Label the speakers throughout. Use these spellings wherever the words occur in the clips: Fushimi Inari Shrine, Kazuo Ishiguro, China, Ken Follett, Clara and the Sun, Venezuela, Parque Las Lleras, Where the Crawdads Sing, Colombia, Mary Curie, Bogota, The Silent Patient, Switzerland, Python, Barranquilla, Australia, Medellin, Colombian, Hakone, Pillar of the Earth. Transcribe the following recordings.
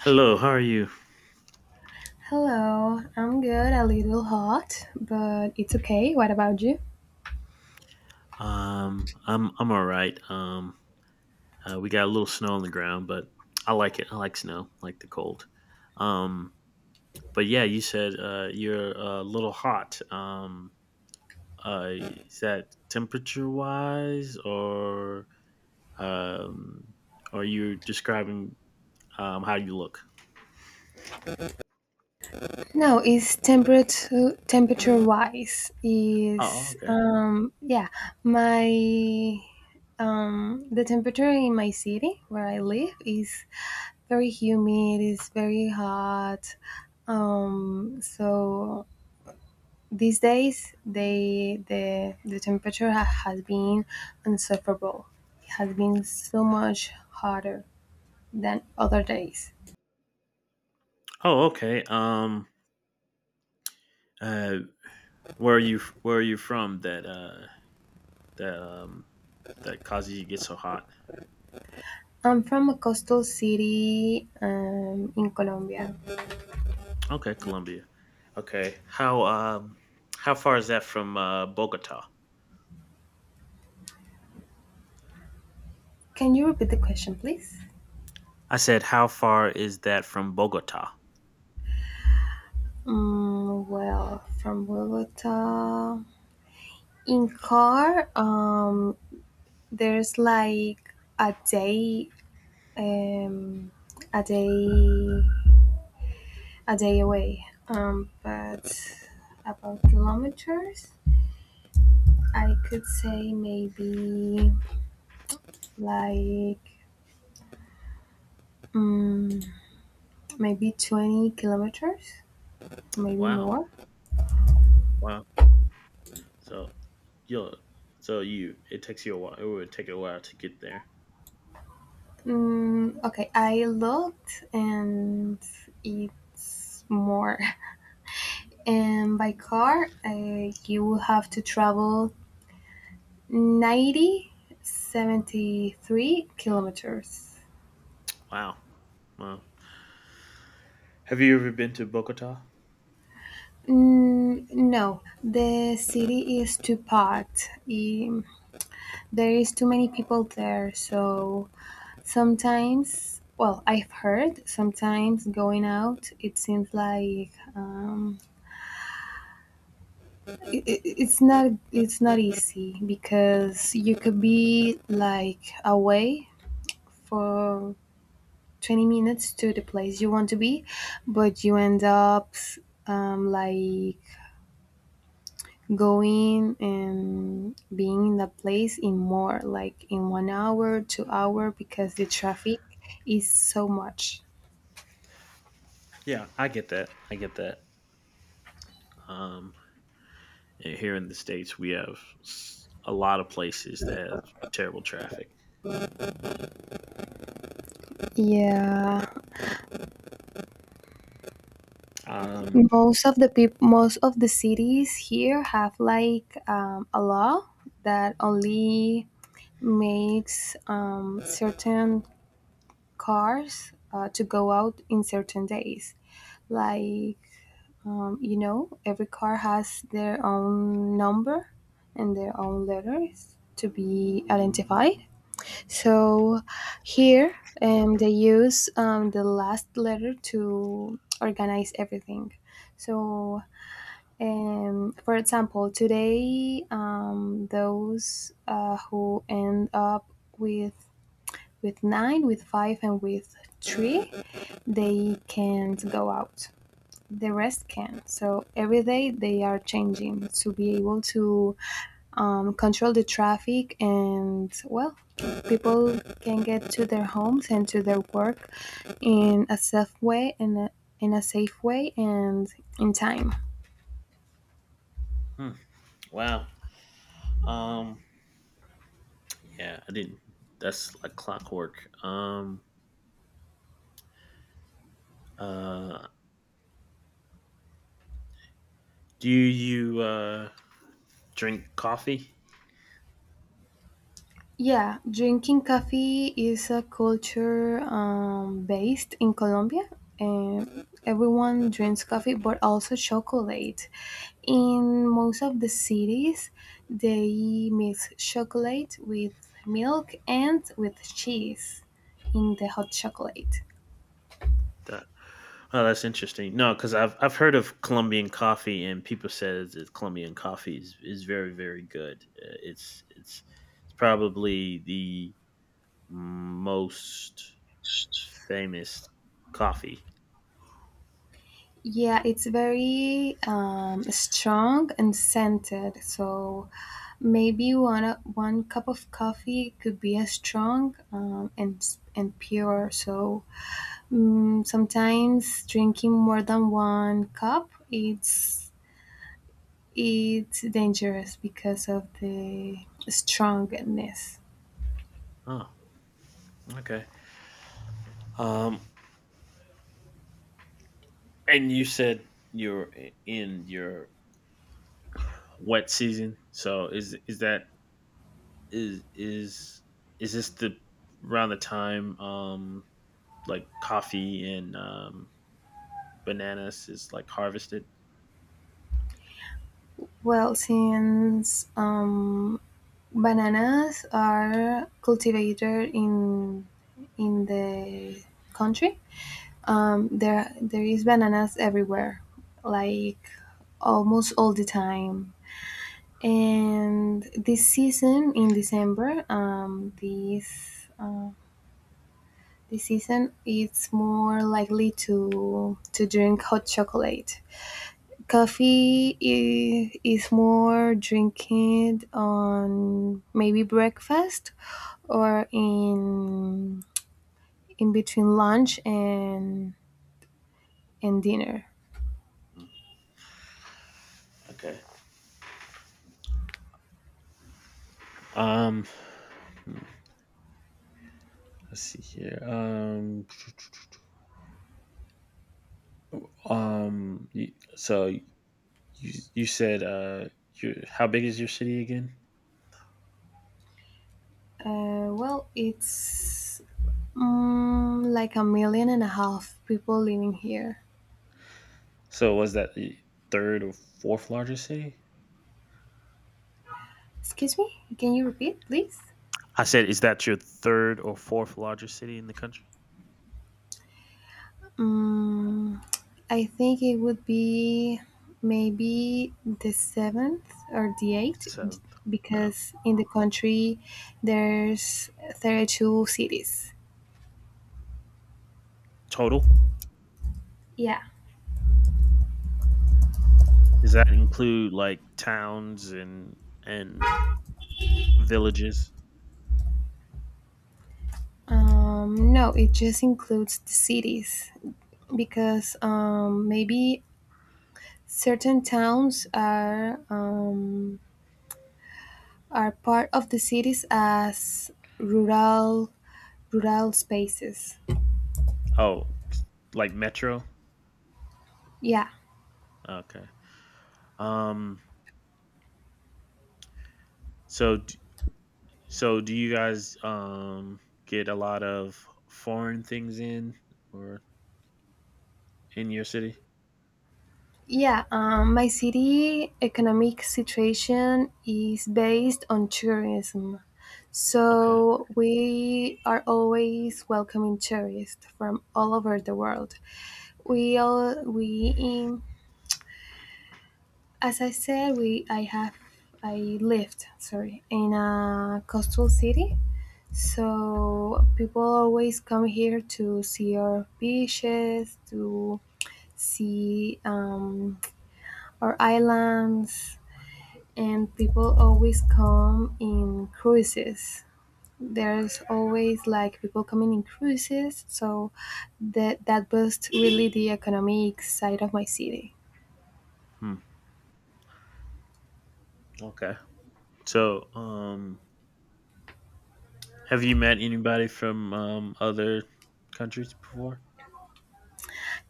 Speaker 1: Hello, how are you?
Speaker 2: Hello, I'm good, a little hot, but it's okay. What about you?
Speaker 1: I'm all right. We got a little snow on the ground, but I like it. I like snow, I like the cold. Um, but yeah, you said you're a little hot. Is that temperature wise, or um, are you describing how you look?
Speaker 2: No, it's temperature wise
Speaker 1: Oh,
Speaker 2: is
Speaker 1: okay.
Speaker 2: yeah, my the temperature in my city where I live is very humid, it's very hot. So these days, the temperature has been insufferable. It has been so much hotter than other days.
Speaker 1: Oh, okay. Uh, where are you? Where are you from? That um, that causes you to get so hot?
Speaker 2: I'm from a coastal city in Colombia.
Speaker 1: Okay, Colombia. Okay. How far is that from Bogota?
Speaker 2: Can you repeat the question, please?
Speaker 1: I said how far is that from Bogota?
Speaker 2: Mm, well, from Bogota, in car, there's like a day, um, a day a day away. But about kilometers, I could say maybe like mm, maybe 20 kilometers, maybe
Speaker 1: Wow.
Speaker 2: more.
Speaker 1: Wow. So you so you it would take a while to get there.
Speaker 2: Mm, okay, I looked and it's more. And by car, you will have to travel 9073 kilometers.
Speaker 1: Wow. Wow. Have you ever been to Bogota?
Speaker 2: Mm, no, the city is too packed. There is too many people there, so sometimes, well, I've heard sometimes going out, it seems like it's not easy because you could be like away for 20 minutes to the place you want to be, but you end up um, like going and being in that place in more like in 1 hour 2 hour because the traffic is so much.
Speaker 1: Yeah, I get that. I get that. Um And here in the states, we have a lot of places that have terrible traffic.
Speaker 2: Yeah,
Speaker 1: Um,
Speaker 2: most of the cities here have like a law that only makes certain cars to go out in certain days like. You know, every car has their own number and their own letters to be identified. So here, they use the last letter to organize everything. So, for example, today, those who end up with with nine, with five, and with three, they can't go out, the rest can. So every day they are changing to be able to control the traffic and, well, people can get to their homes and to their work in a safe way and in a safe way and in time.
Speaker 1: hmm, wow. Um, yeah, I didn't. That's like clockwork. Uh, do you drink coffee?
Speaker 2: Yeah, drinking coffee is a culture based in Colombia. And everyone drinks coffee, but also chocolate. In most of the cities, they mix chocolate with milk and with cheese in the hot chocolate.
Speaker 1: That, oh, that's interesting. No, because I've heard of Colombian coffee, and people said that Colombian coffee is very very good. It's probably the most famous coffee.
Speaker 2: Yeah, it's very strong and scented. So maybe one cup of coffee could be as strong and pure. So mm, sometimes drinking more than one cup it's dangerous because of the strongness.
Speaker 1: Oh, okay. Um, and you said in your wet season. So is that is is is this the around the time like coffee and bananas is like harvested?
Speaker 2: Well, since bananas are cultivated in the country. There is bananas everywhere, like almost all the time. And this season in December, this season it's more likely to drink hot chocolate. Coffee is more drinking on maybe breakfast or in between lunch and dinner.
Speaker 1: Mm, okay. Um hmm, let's see here. So you you said uh you how big is your city again?
Speaker 2: Well, it's like a million and a half people living here.
Speaker 1: So was that the third or fourth largest city?
Speaker 2: Excuse me? Can you repeat, please?
Speaker 1: I said, is that your third or fourth largest city in the country?
Speaker 2: Mm, I think it would be maybe the seventh or the eighth,
Speaker 1: Seventh. Wow.
Speaker 2: because in the country there's 32 cities.
Speaker 1: Total?
Speaker 2: Yeah.
Speaker 1: Does that include like towns and villages?
Speaker 2: No, it just includes the cities because maybe certain towns are part of the cities as rural rural spaces.
Speaker 1: Oh, like metro?
Speaker 2: Yeah,
Speaker 1: Okay. Um. So d- so do you guys get a lot of foreign things in or in your city?
Speaker 2: yeah. My city economic situation is based on tourism,
Speaker 1: Okay.
Speaker 2: so we are always welcoming tourists from all over the world. We all we in as I said we I have I lived, sorry, in a coastal city. So people always come here to see our beaches, to see our islands, and people always come in cruises. There's always like people coming in cruises, so that boosts really the economic side of my city.
Speaker 1: Hmm. Okay. So have you met anybody from other countries before?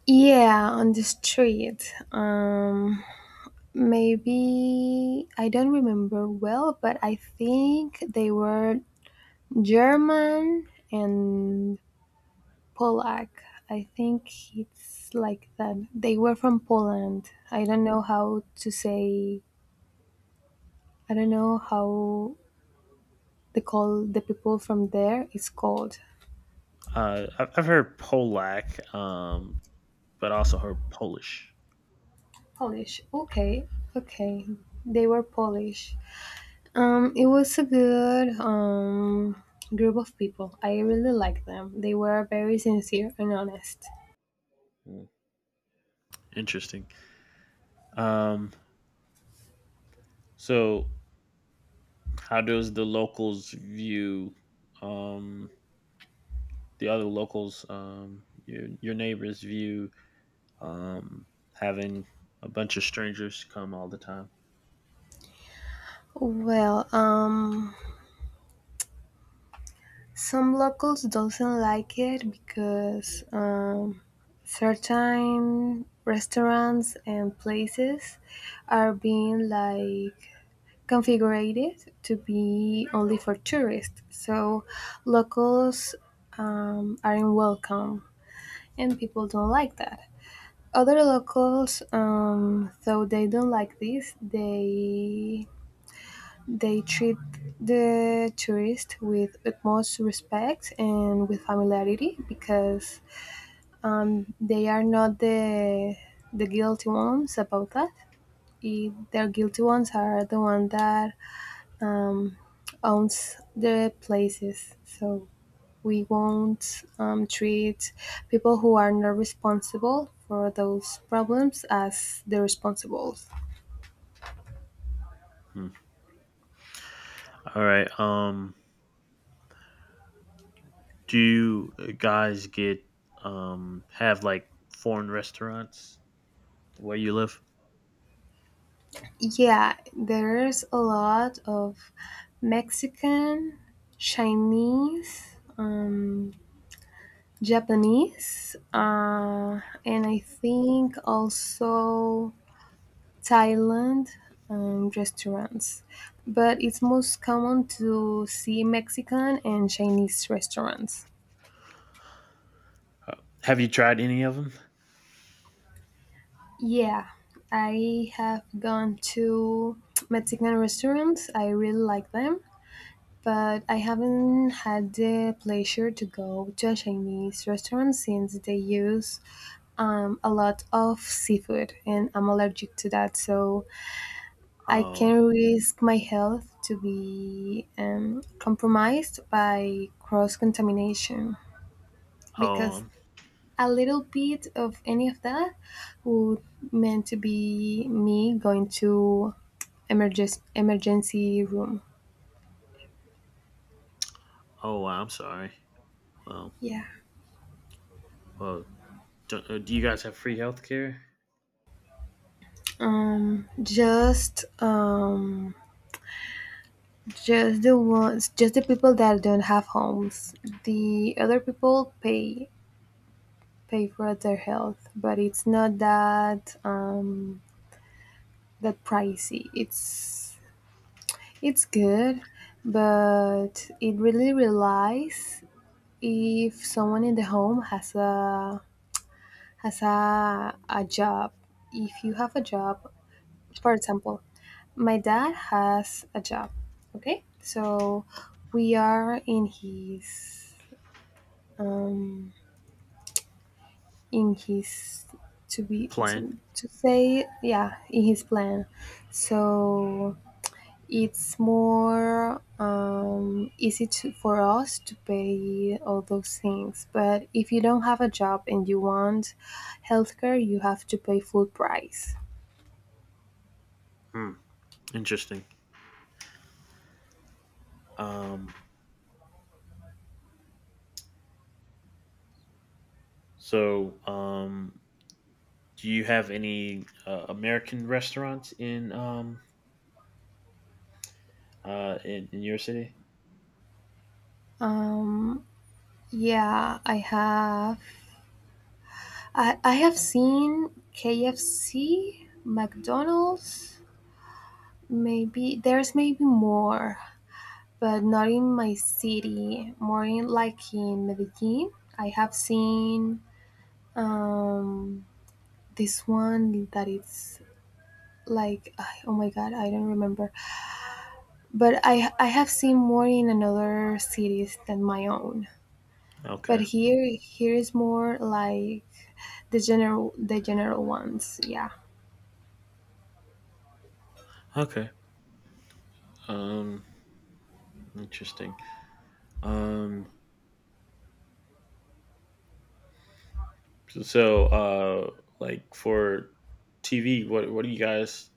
Speaker 2: Yeah, on the street. Maybe I don't remember well, but I think they were German and Polak. I think it's like that. They were from Poland. I don't know how to say. I don't know how they call the people from there. It's called.
Speaker 1: I've heard Polak, but also heard Polish.
Speaker 2: Polish. Okay, okay. They were Polish. It was a good group of people. I really liked them. They were very sincere and honest.
Speaker 1: Mm, interesting. Um, so, how does the locals view um, the other locals, your neighbors view um, having a bunch of strangers come all the time?
Speaker 2: Well, some locals doesn't like it because certain restaurants and places are being like configured to be only for tourists. So locals aren't welcome, and people don't like that. Other locals, though they don't like this, they treat the tourists with utmost respect and with familiarity because they are not the guilty ones about that. The guilty ones are the one that um, owns the places. So we won't treat people who are not responsible for those problems as the responsible.
Speaker 1: Hmm. All right. Do you guys get have like foreign restaurants where you live?
Speaker 2: Yeah, there is a lot of Mexican, Chinese, Japanese, and I think also Thailand restaurants. But it's most common to see Mexican and Chinese restaurants.
Speaker 1: Uh, Have you tried any of them?
Speaker 2: Yeah, I have gone to Mexican restaurants. I really like them, but I haven't had the pleasure to go to a Chinese restaurant since they use a lot of seafood, and I'm allergic to that. So I
Speaker 1: Oh,
Speaker 2: can risk my health to be compromised by cross contamination because
Speaker 1: oh,
Speaker 2: a little bit of any of that would meant to be me going to emergency room.
Speaker 1: Oh, wow, I'm sorry. Well,
Speaker 2: Yeah.
Speaker 1: well, do you guys have free healthcare
Speaker 2: Um. Just um Just the ones, just the people that don't have homes. The other people pay for their health, but it's not that that pricey. It's good, but it really relies if someone in the home has a a job. If you have a job, for example, my dad has a job. Okay, so we are in his um, in his
Speaker 1: plan?
Speaker 2: to say yeah in his plan, so it's more easy to, for us to pay all those things, but if you don't have a job and you want healthcare you have to pay full price.
Speaker 1: Hmm, interesting. Um, so, do you have any American restaurants in in your city?
Speaker 2: Um, yeah, I have seen KFC, McDonald's, maybe there's maybe more, but not in my city, more in like in Medellin. I have seen um, this one that it's like, ah, oh my god, I don't remember. But I have seen more in another cities than my own. But
Speaker 1: Okay,
Speaker 2: here is more like the general ones. Yeah.
Speaker 1: okay. Um, interesting. Um, so, like for TV, what do you guys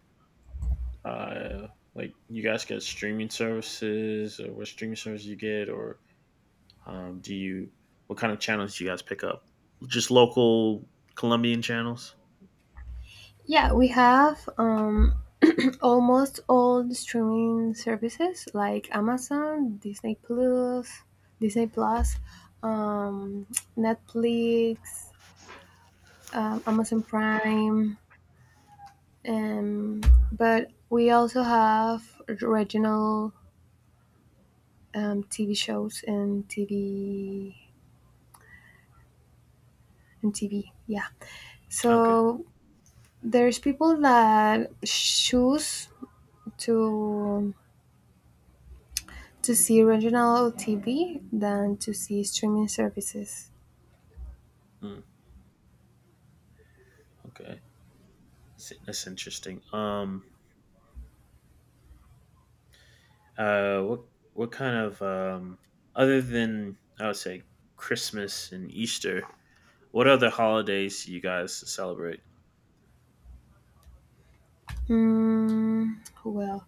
Speaker 1: uh like? You guys get streaming services, or what streaming service you get, or do you what kind of channels do you guys pick up? Just local Colombian channels.
Speaker 2: Yeah, we have almost all the streaming services like Amazon, Disney Plus, Disney Plus, um, Netflix, Amazon Prime, um, but we also have regional TV shows and TV. Yeah,
Speaker 1: Okay.
Speaker 2: so there's people that choose to to see regional TV than to see streaming services.
Speaker 1: Mm, okay. That's interesting. Uh. What What kind of other than I would say Christmas and Easter, what other holidays do you guys celebrate?
Speaker 2: Mm, well,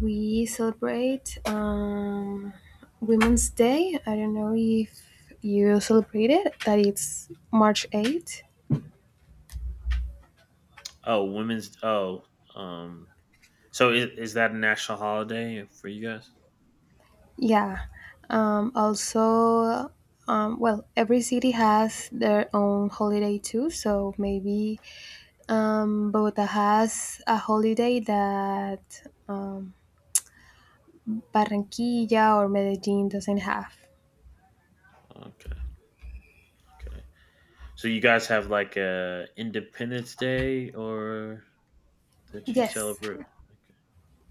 Speaker 2: we celebrate Women's Day. I don't know if you celebrate it, that it's March 8th.
Speaker 1: Oh, women's. Oh. Um. So is that a national holiday for you guys?
Speaker 2: Yeah. Also, every city has their own holiday too. So maybe Bogota has a holiday that um, Barranquilla or Medellin doesn't have.
Speaker 1: Okay. Okay. So you guys have like a Independence Day or that you
Speaker 2: Yes.
Speaker 1: celebrate?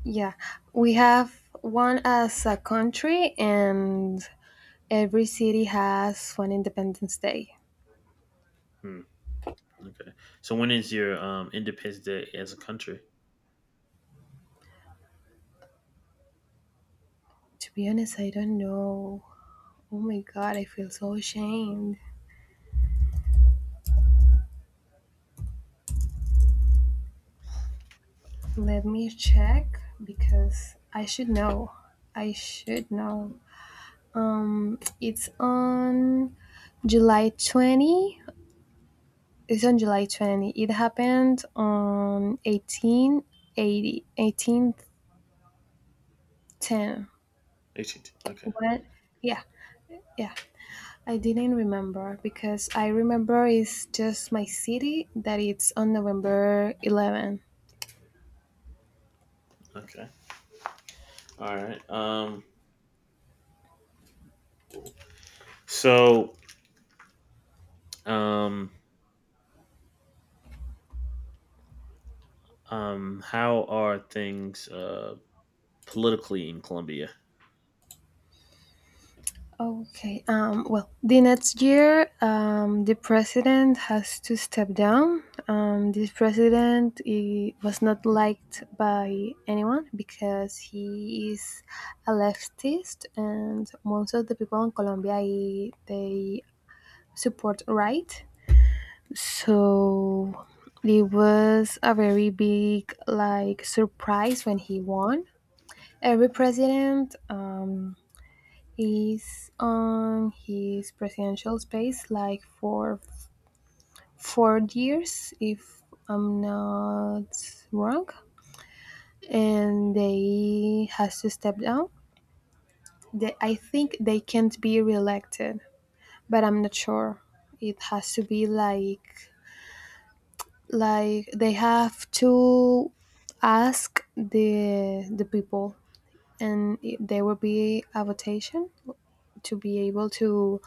Speaker 2: Yeah, we have one as a country, and every city has one Independence Day.
Speaker 1: Hmm, okay. So when is your Independence Day as a country?
Speaker 2: To be honest, I don't know. Oh my god, I feel so ashamed. Let me check because I should know. I should know. It's on July 20. It's on July 20. It happened on 1810.
Speaker 1: 18th. Okay.
Speaker 2: What? Yeah, yeah. I didn't remember because I remember it's just my city that it's on November 11.
Speaker 1: Okay. All right. So um how are things politically in Colombia?
Speaker 2: Okay. Well, the next year, the president has to step down. This president he was not liked by anyone because he is a leftist, and most of the people in Colombia they support right. So it was a very big like surprise when he won. Every president is on his presidential space like for 4 years, if I'm not wrong, and they has to step down. They, I think they can't be reelected, but I'm not sure. It has to be like they have to ask the people, and there will be a votation to be able to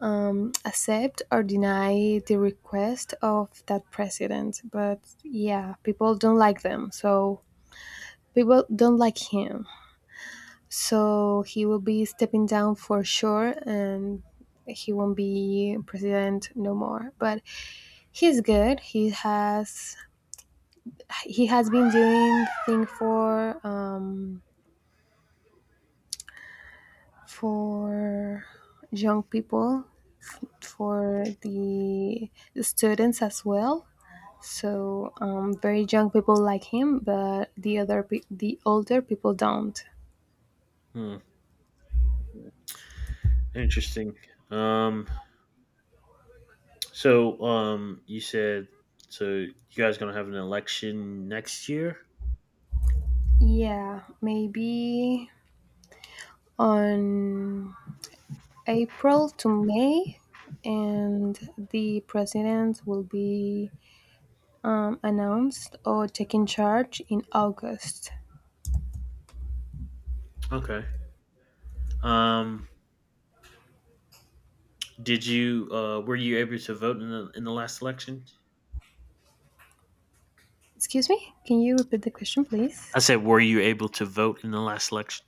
Speaker 2: accept or deny the request of that president, but yeah, people don't like them, so people don't like him, so he will be stepping down for sure and he won't be president no more, but he's good, he has been doing thing for for young people, for the students as well. So very young people like him, but the the older people don't.
Speaker 1: Hmm. Interesting. Um so you said so you guys going to have an election next year?
Speaker 2: Yeah, maybe on April to May, and the president will be announced or taken charge in August.
Speaker 1: Okay. Um did you were you able to vote in the last election?
Speaker 2: Excuse me? Can you repeat the question, please?
Speaker 1: I said, were you able to vote in the last election?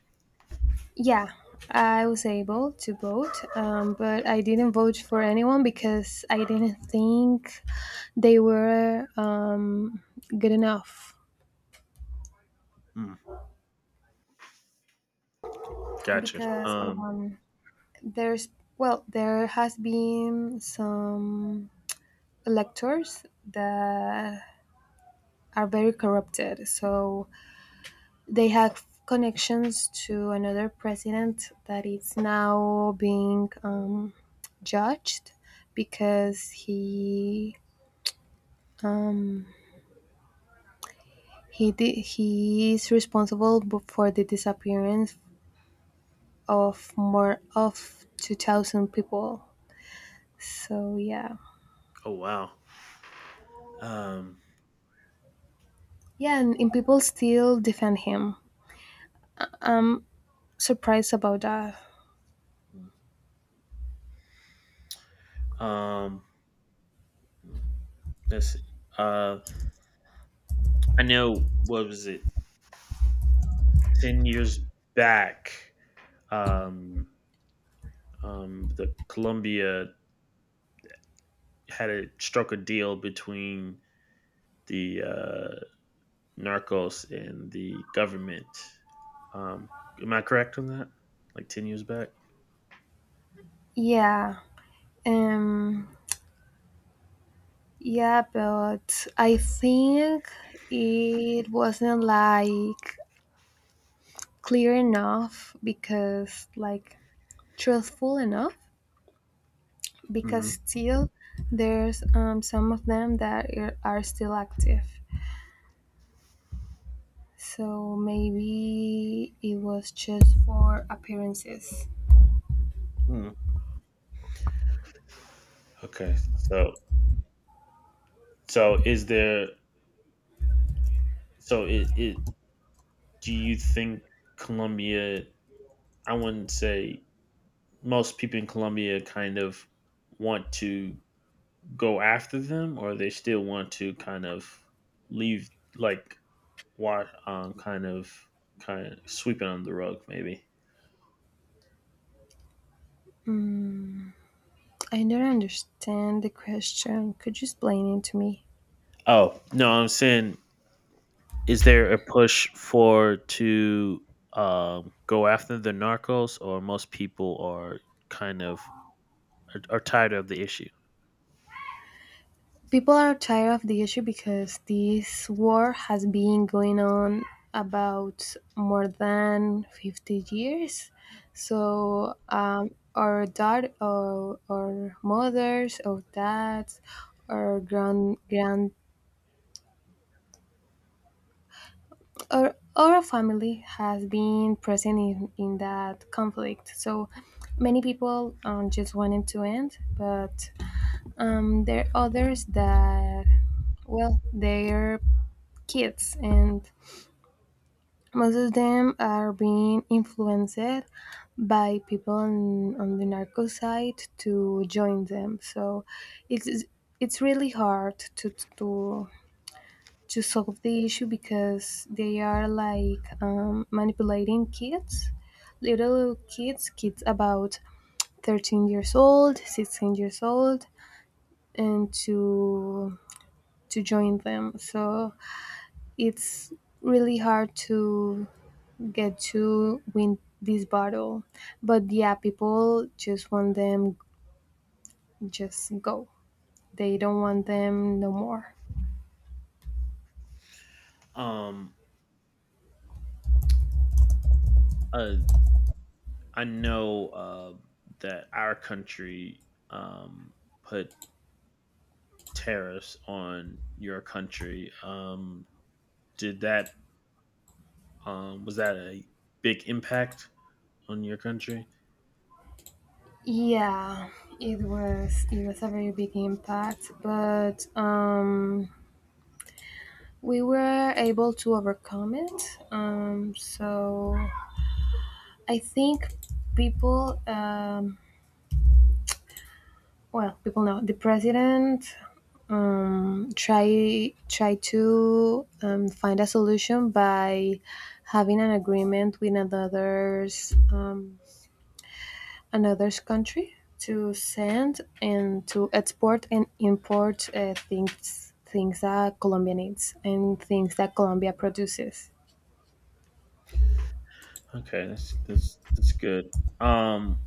Speaker 2: Yeah, I was able to vote, but I didn't vote for anyone because I didn't think they were good enough.
Speaker 1: Hmm. Gotcha.
Speaker 2: Because there's, well, there has been some electors that are very corrupted. So they have connections to another president that is now being judged because um, he is responsible for the disappearance of more of 2,000 people. So yeah,
Speaker 1: Oh, wow. Um.
Speaker 2: yeah, and people still defend him. I'm surprised about that.
Speaker 1: Um. Let's see. Uh. I know. What was it? 10 years back. Um. The Columbia had a struck a deal between the narcos and the government. Um. Am I correct on that? Like 10 years back.
Speaker 2: Yeah, um, Yeah, but I think it wasn't like clear enough because, like, truthful enough because
Speaker 1: Mm-hmm.
Speaker 2: still there's some of them that are still active. So maybe it was just for appearances.
Speaker 1: mm Okay. So is there? So it. It do you think Colombia, I wouldn't say most people in Colombia kind of want to go after them, or they still want to kind of leave, like, what, kind of sweep it under the rug, maybe.
Speaker 2: Mm, I don't understand the question. Could you explain it to me?
Speaker 1: Oh no, I'm saying, is there a push for to go after the narcos, or most people are kind of are tired of the issue?
Speaker 2: People are tired of the issue because this war has been going on about more than 50 years, so our dad or our mothers or dads or grand or our family has been present in that conflict. So many people just wanted to end, but there are others that, well, they're kids. And most of them are being influenced by people on the narco side to join them. So it's it's really hard to to solve the issue because they are like manipulating kids, little kids, kids about 13 years old, 16 years old, and to join them. So it's really hard to get to win this battle. But yeah, people just want them just go. They don't want them no more.
Speaker 1: Um, uh, I know that our country um, put tariffs on your country. Did that was that a big impact on your country?
Speaker 2: Yeah, it was a very big impact, but we were able to overcome it. So I think people well, people know the president try to find a solution by having an agreement with another's another's country to send and to export and import things that Colombia needs and things that Colombia produces.
Speaker 1: Okay, that's good. Um,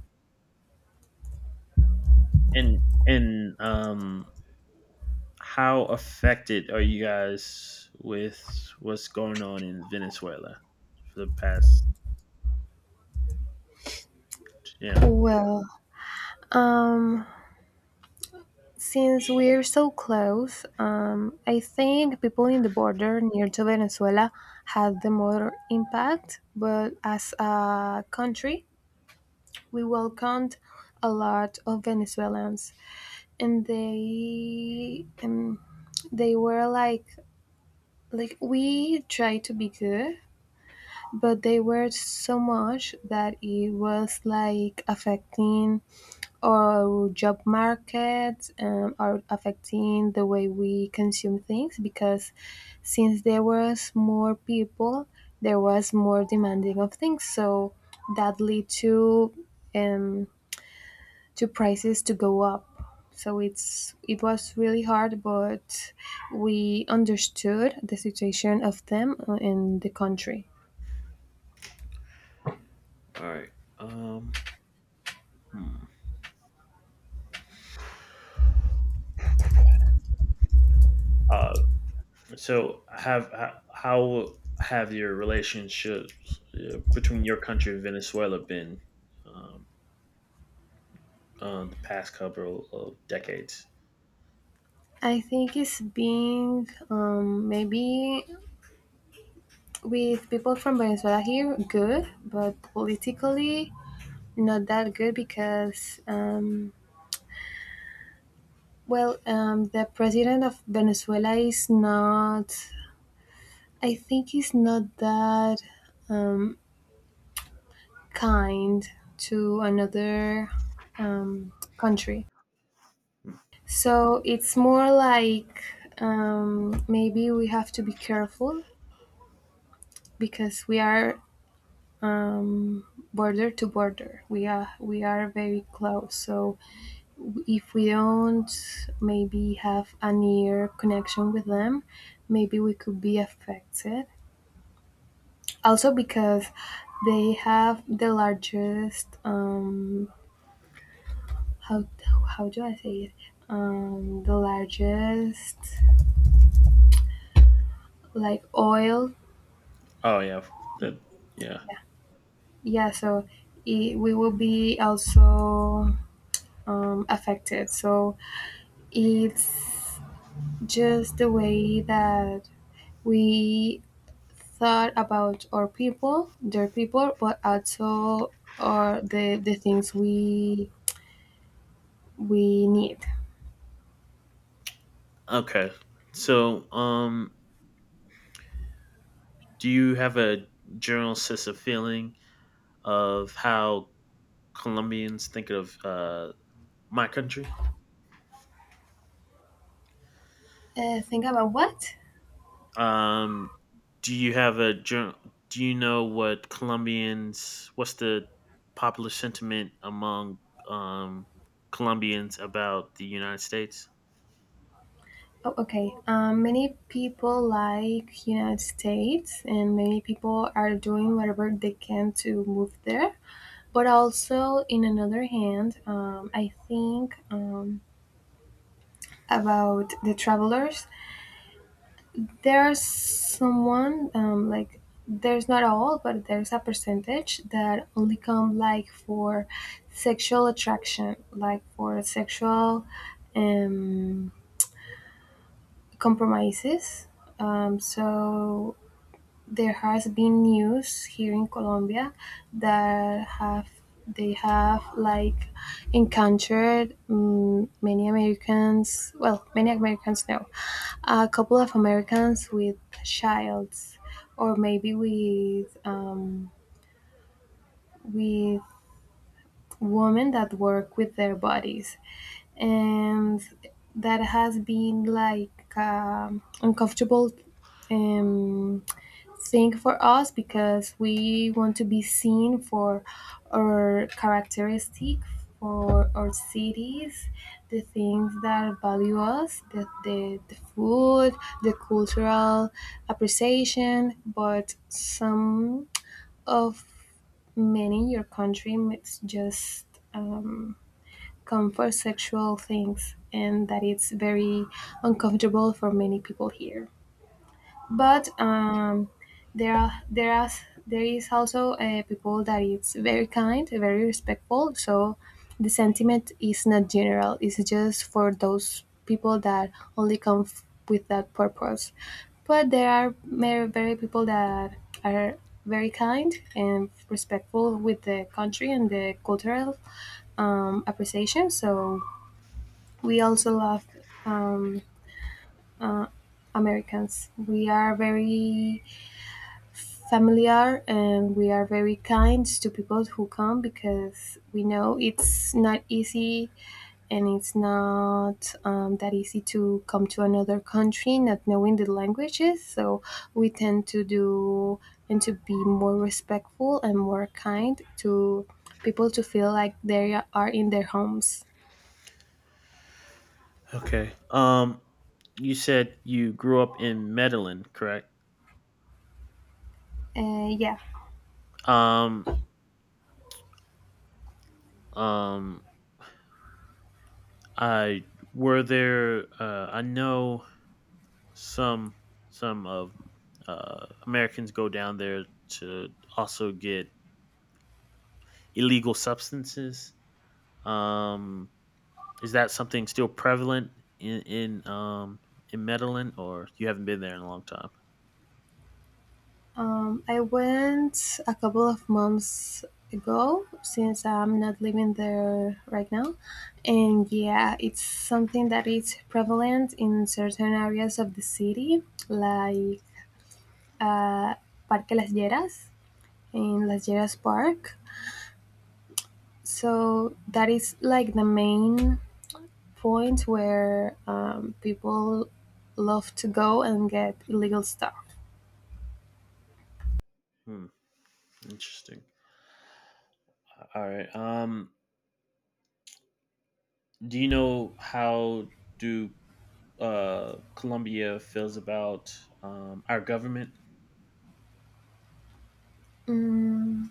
Speaker 1: and and how affected are you guys with what's going on in Venezuela for the past? Yeah. All
Speaker 2: Well, um, since we're so close, I think people in the border near to Venezuela had the more impact, but as a country, we welcomed a lot of Venezuelans, and they were like we tried to be good, but they were so much that it was like affecting or job markets are affecting the way we consume things, because since there was more people, there was more demanding of things, so that lead to um, to prices to go up. So it was really hard, but we understood the situation of them in the country.
Speaker 1: right. Um. Hmm. Uh, So how have your relationships between your country and Venezuela been um, on the past couple of decades?
Speaker 2: I think it's being maybe with people from Venezuela here, good, but politically not that good because, well, the president of Venezuela is not, I think, he's not that um, kind to another country. So it's more like maybe we have to be careful because we are um, border to border. We are very close. So if we don't maybe have a near connection with them, maybe we could be affected. Also, because they have the largest how how do I say it, the largest like oil,
Speaker 1: Oh yeah, that yeah.
Speaker 2: yeah, yeah, so it, we will be also affected. So it's just the way that we thought about our people, their people, but also are the things we need.
Speaker 1: Okay, so do you have a general sense of feeling of how Colombians think of my country?
Speaker 2: Think about what?
Speaker 1: Um, do you have a jour- do you know what's the popular sentiment among um Colombians about the United States?
Speaker 2: Oh, okay. Many people like United States, and many people are doing whatever they can to move there. But also, in another hand, I think about the travelers there's someone like there's not all but there's a percentage that only come like for sexual attraction, like for sexual um, compromises. So there has been news here in Colombia that have, they have like encountered many Americans, well, many Americans now. A couple of Americans with childs, or maybe with women that work with their bodies, and that has been like uncomfortable um, thing for us because we want to be seen for our characteristic, for our cities, the things that value us, the food, the cultural appreciation, but some of many your country, it's just um, come for sexual things, and that it's very uncomfortable for many people here.
Speaker 1: Hmm.
Speaker 2: But there are there are there is also people that is very kind, very respectful. So the sentiment is not general. It's just for those people that only come with that purpose. But there are very, very people that are very kind and respectful with the country and the cultural appreciation. So we also love um, Americans. We are very familiar and we are very kind to people who come because we know it's not easy, and it's not that easy to come to another country not knowing the languages. So we tend to do and to be more respectful and more kind to people to feel like they are in their homes.
Speaker 1: Okay. You said you grew up in Medellin, correct?
Speaker 2: Yeah.
Speaker 1: Um um I were there I know some some of Americans go down there to also get illegal substances. Um Is that something still prevalent in in um in Medellin, or you haven't been there in a long time?
Speaker 2: I went a couple of months ago since I'm not living there right now. And yeah, it's something that is prevalent in certain areas of the city, like uh, Parque Las Lleras, in Las Lleras Park. So that is like the main point where people love to go and get illegal stuff.
Speaker 1: Hmm, interesting. All right. Do you know how do Colombia feels about our government?
Speaker 2: Mm,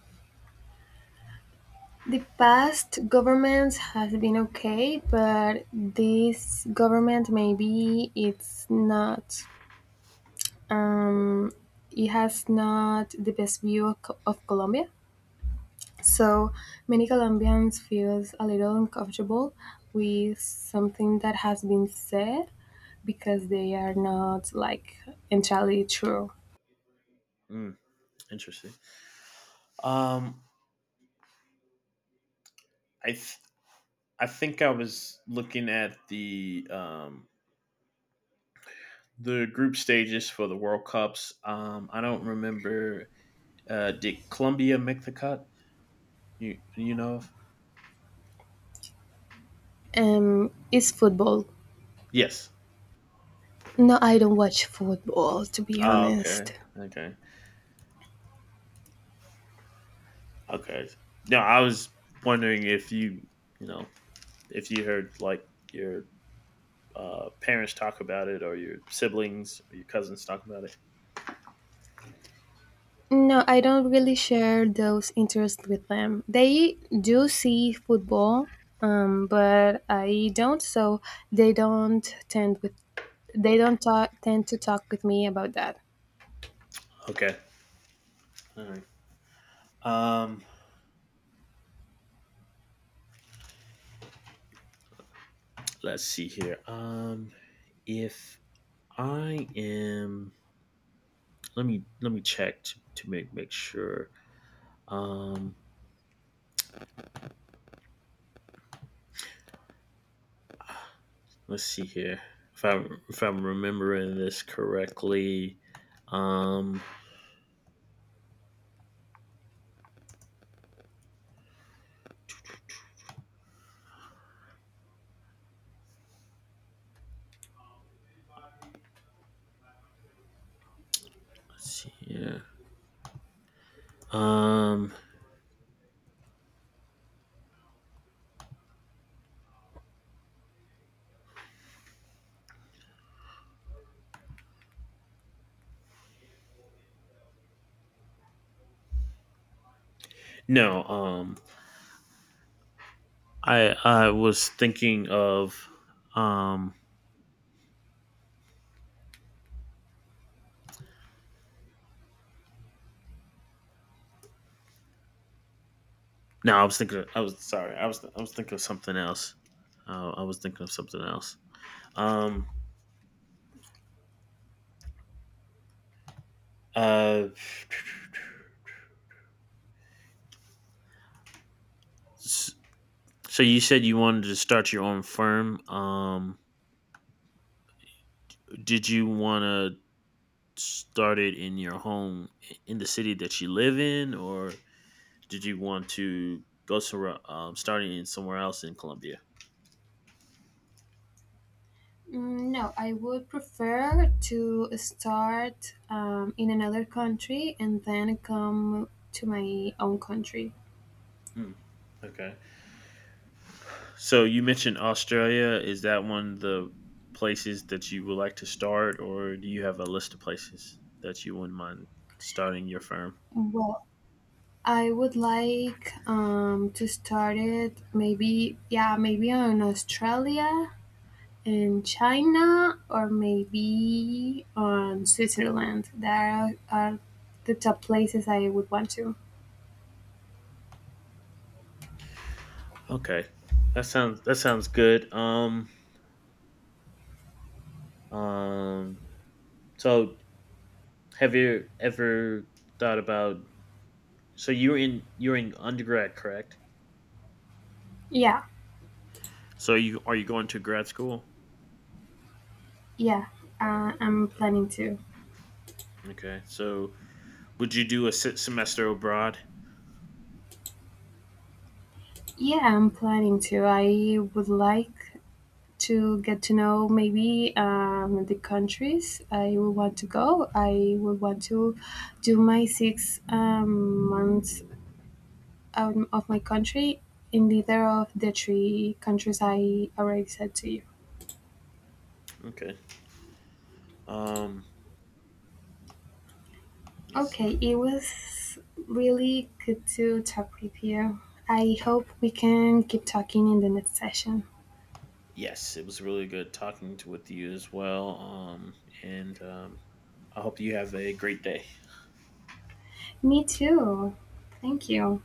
Speaker 2: the past governments has been okay, but this government maybe it's not. Um, it has not the best view of, of Colombia, so many Colombians feels a little uncomfortable with something that has been said because they are not like entirely true.
Speaker 1: Hmm, interesting. Um, I th- I think I was looking at the the group stages for the World Cups. I don't remember. Did Colombia make the cut? You know?
Speaker 2: It's football.
Speaker 1: Yes.
Speaker 2: No, I don't watch football to be
Speaker 1: Oh,
Speaker 2: honest.
Speaker 1: okay. Okay. Okay. No, I was wondering if you, if you heard like your parents talk about it or your siblings or your cousins talk about it.
Speaker 2: No, I don't really share those interests with them. They do see football, but I don't, so they don't tend with, they don't talk, tend to talk with me about that.
Speaker 1: Okay. All right. Um, let's see here. If I am, let me check to make sure. Um, let's see here. If I am if I'm remembering this correctly, um, let's see here. Um, No, I was thinking of um. No, I was thinking of, I was, sorry. I was thinking of something else. I was thinking of something else. Um. Uh. s- So you said you wanted to start your own firm. Did you want to start it in your home in the city that you live in, or did you want to go to starting in somewhere else in Colombia?
Speaker 2: Mm, no, I would prefer to start in another country and then come to my own country.
Speaker 1: Mm, okay. So you mentioned Australia. Is that one of the places that you would like to start, or do you have a list of places that you wouldn't mind starting your firm?
Speaker 2: Well, I would like to start it maybe, yeah, maybe on Australia, in China, or maybe on Switzerland. That are the top places I would want to.
Speaker 1: Okay, that sounds good. Um. So have you ever thought about? So you're in undergrad, correct?
Speaker 2: Yeah,
Speaker 1: So you going to grad school?
Speaker 2: yeah, I'm
Speaker 1: Okay.
Speaker 2: planning to.
Speaker 1: Okay. So would you do a semester abroad?
Speaker 2: Yeah, I'm planning to. I would like to get to know maybe the countries I would want to go. I would want to do my six months out of my country in either of the three countries I already said to you.
Speaker 1: Okay. Um. Let's see.
Speaker 2: Okay, it was really good to talk with you. I hope we can keep talking in the next session.
Speaker 1: Yes, it was really good talking to with you as well. And I hope you have a great day.
Speaker 2: Me too. Thank you.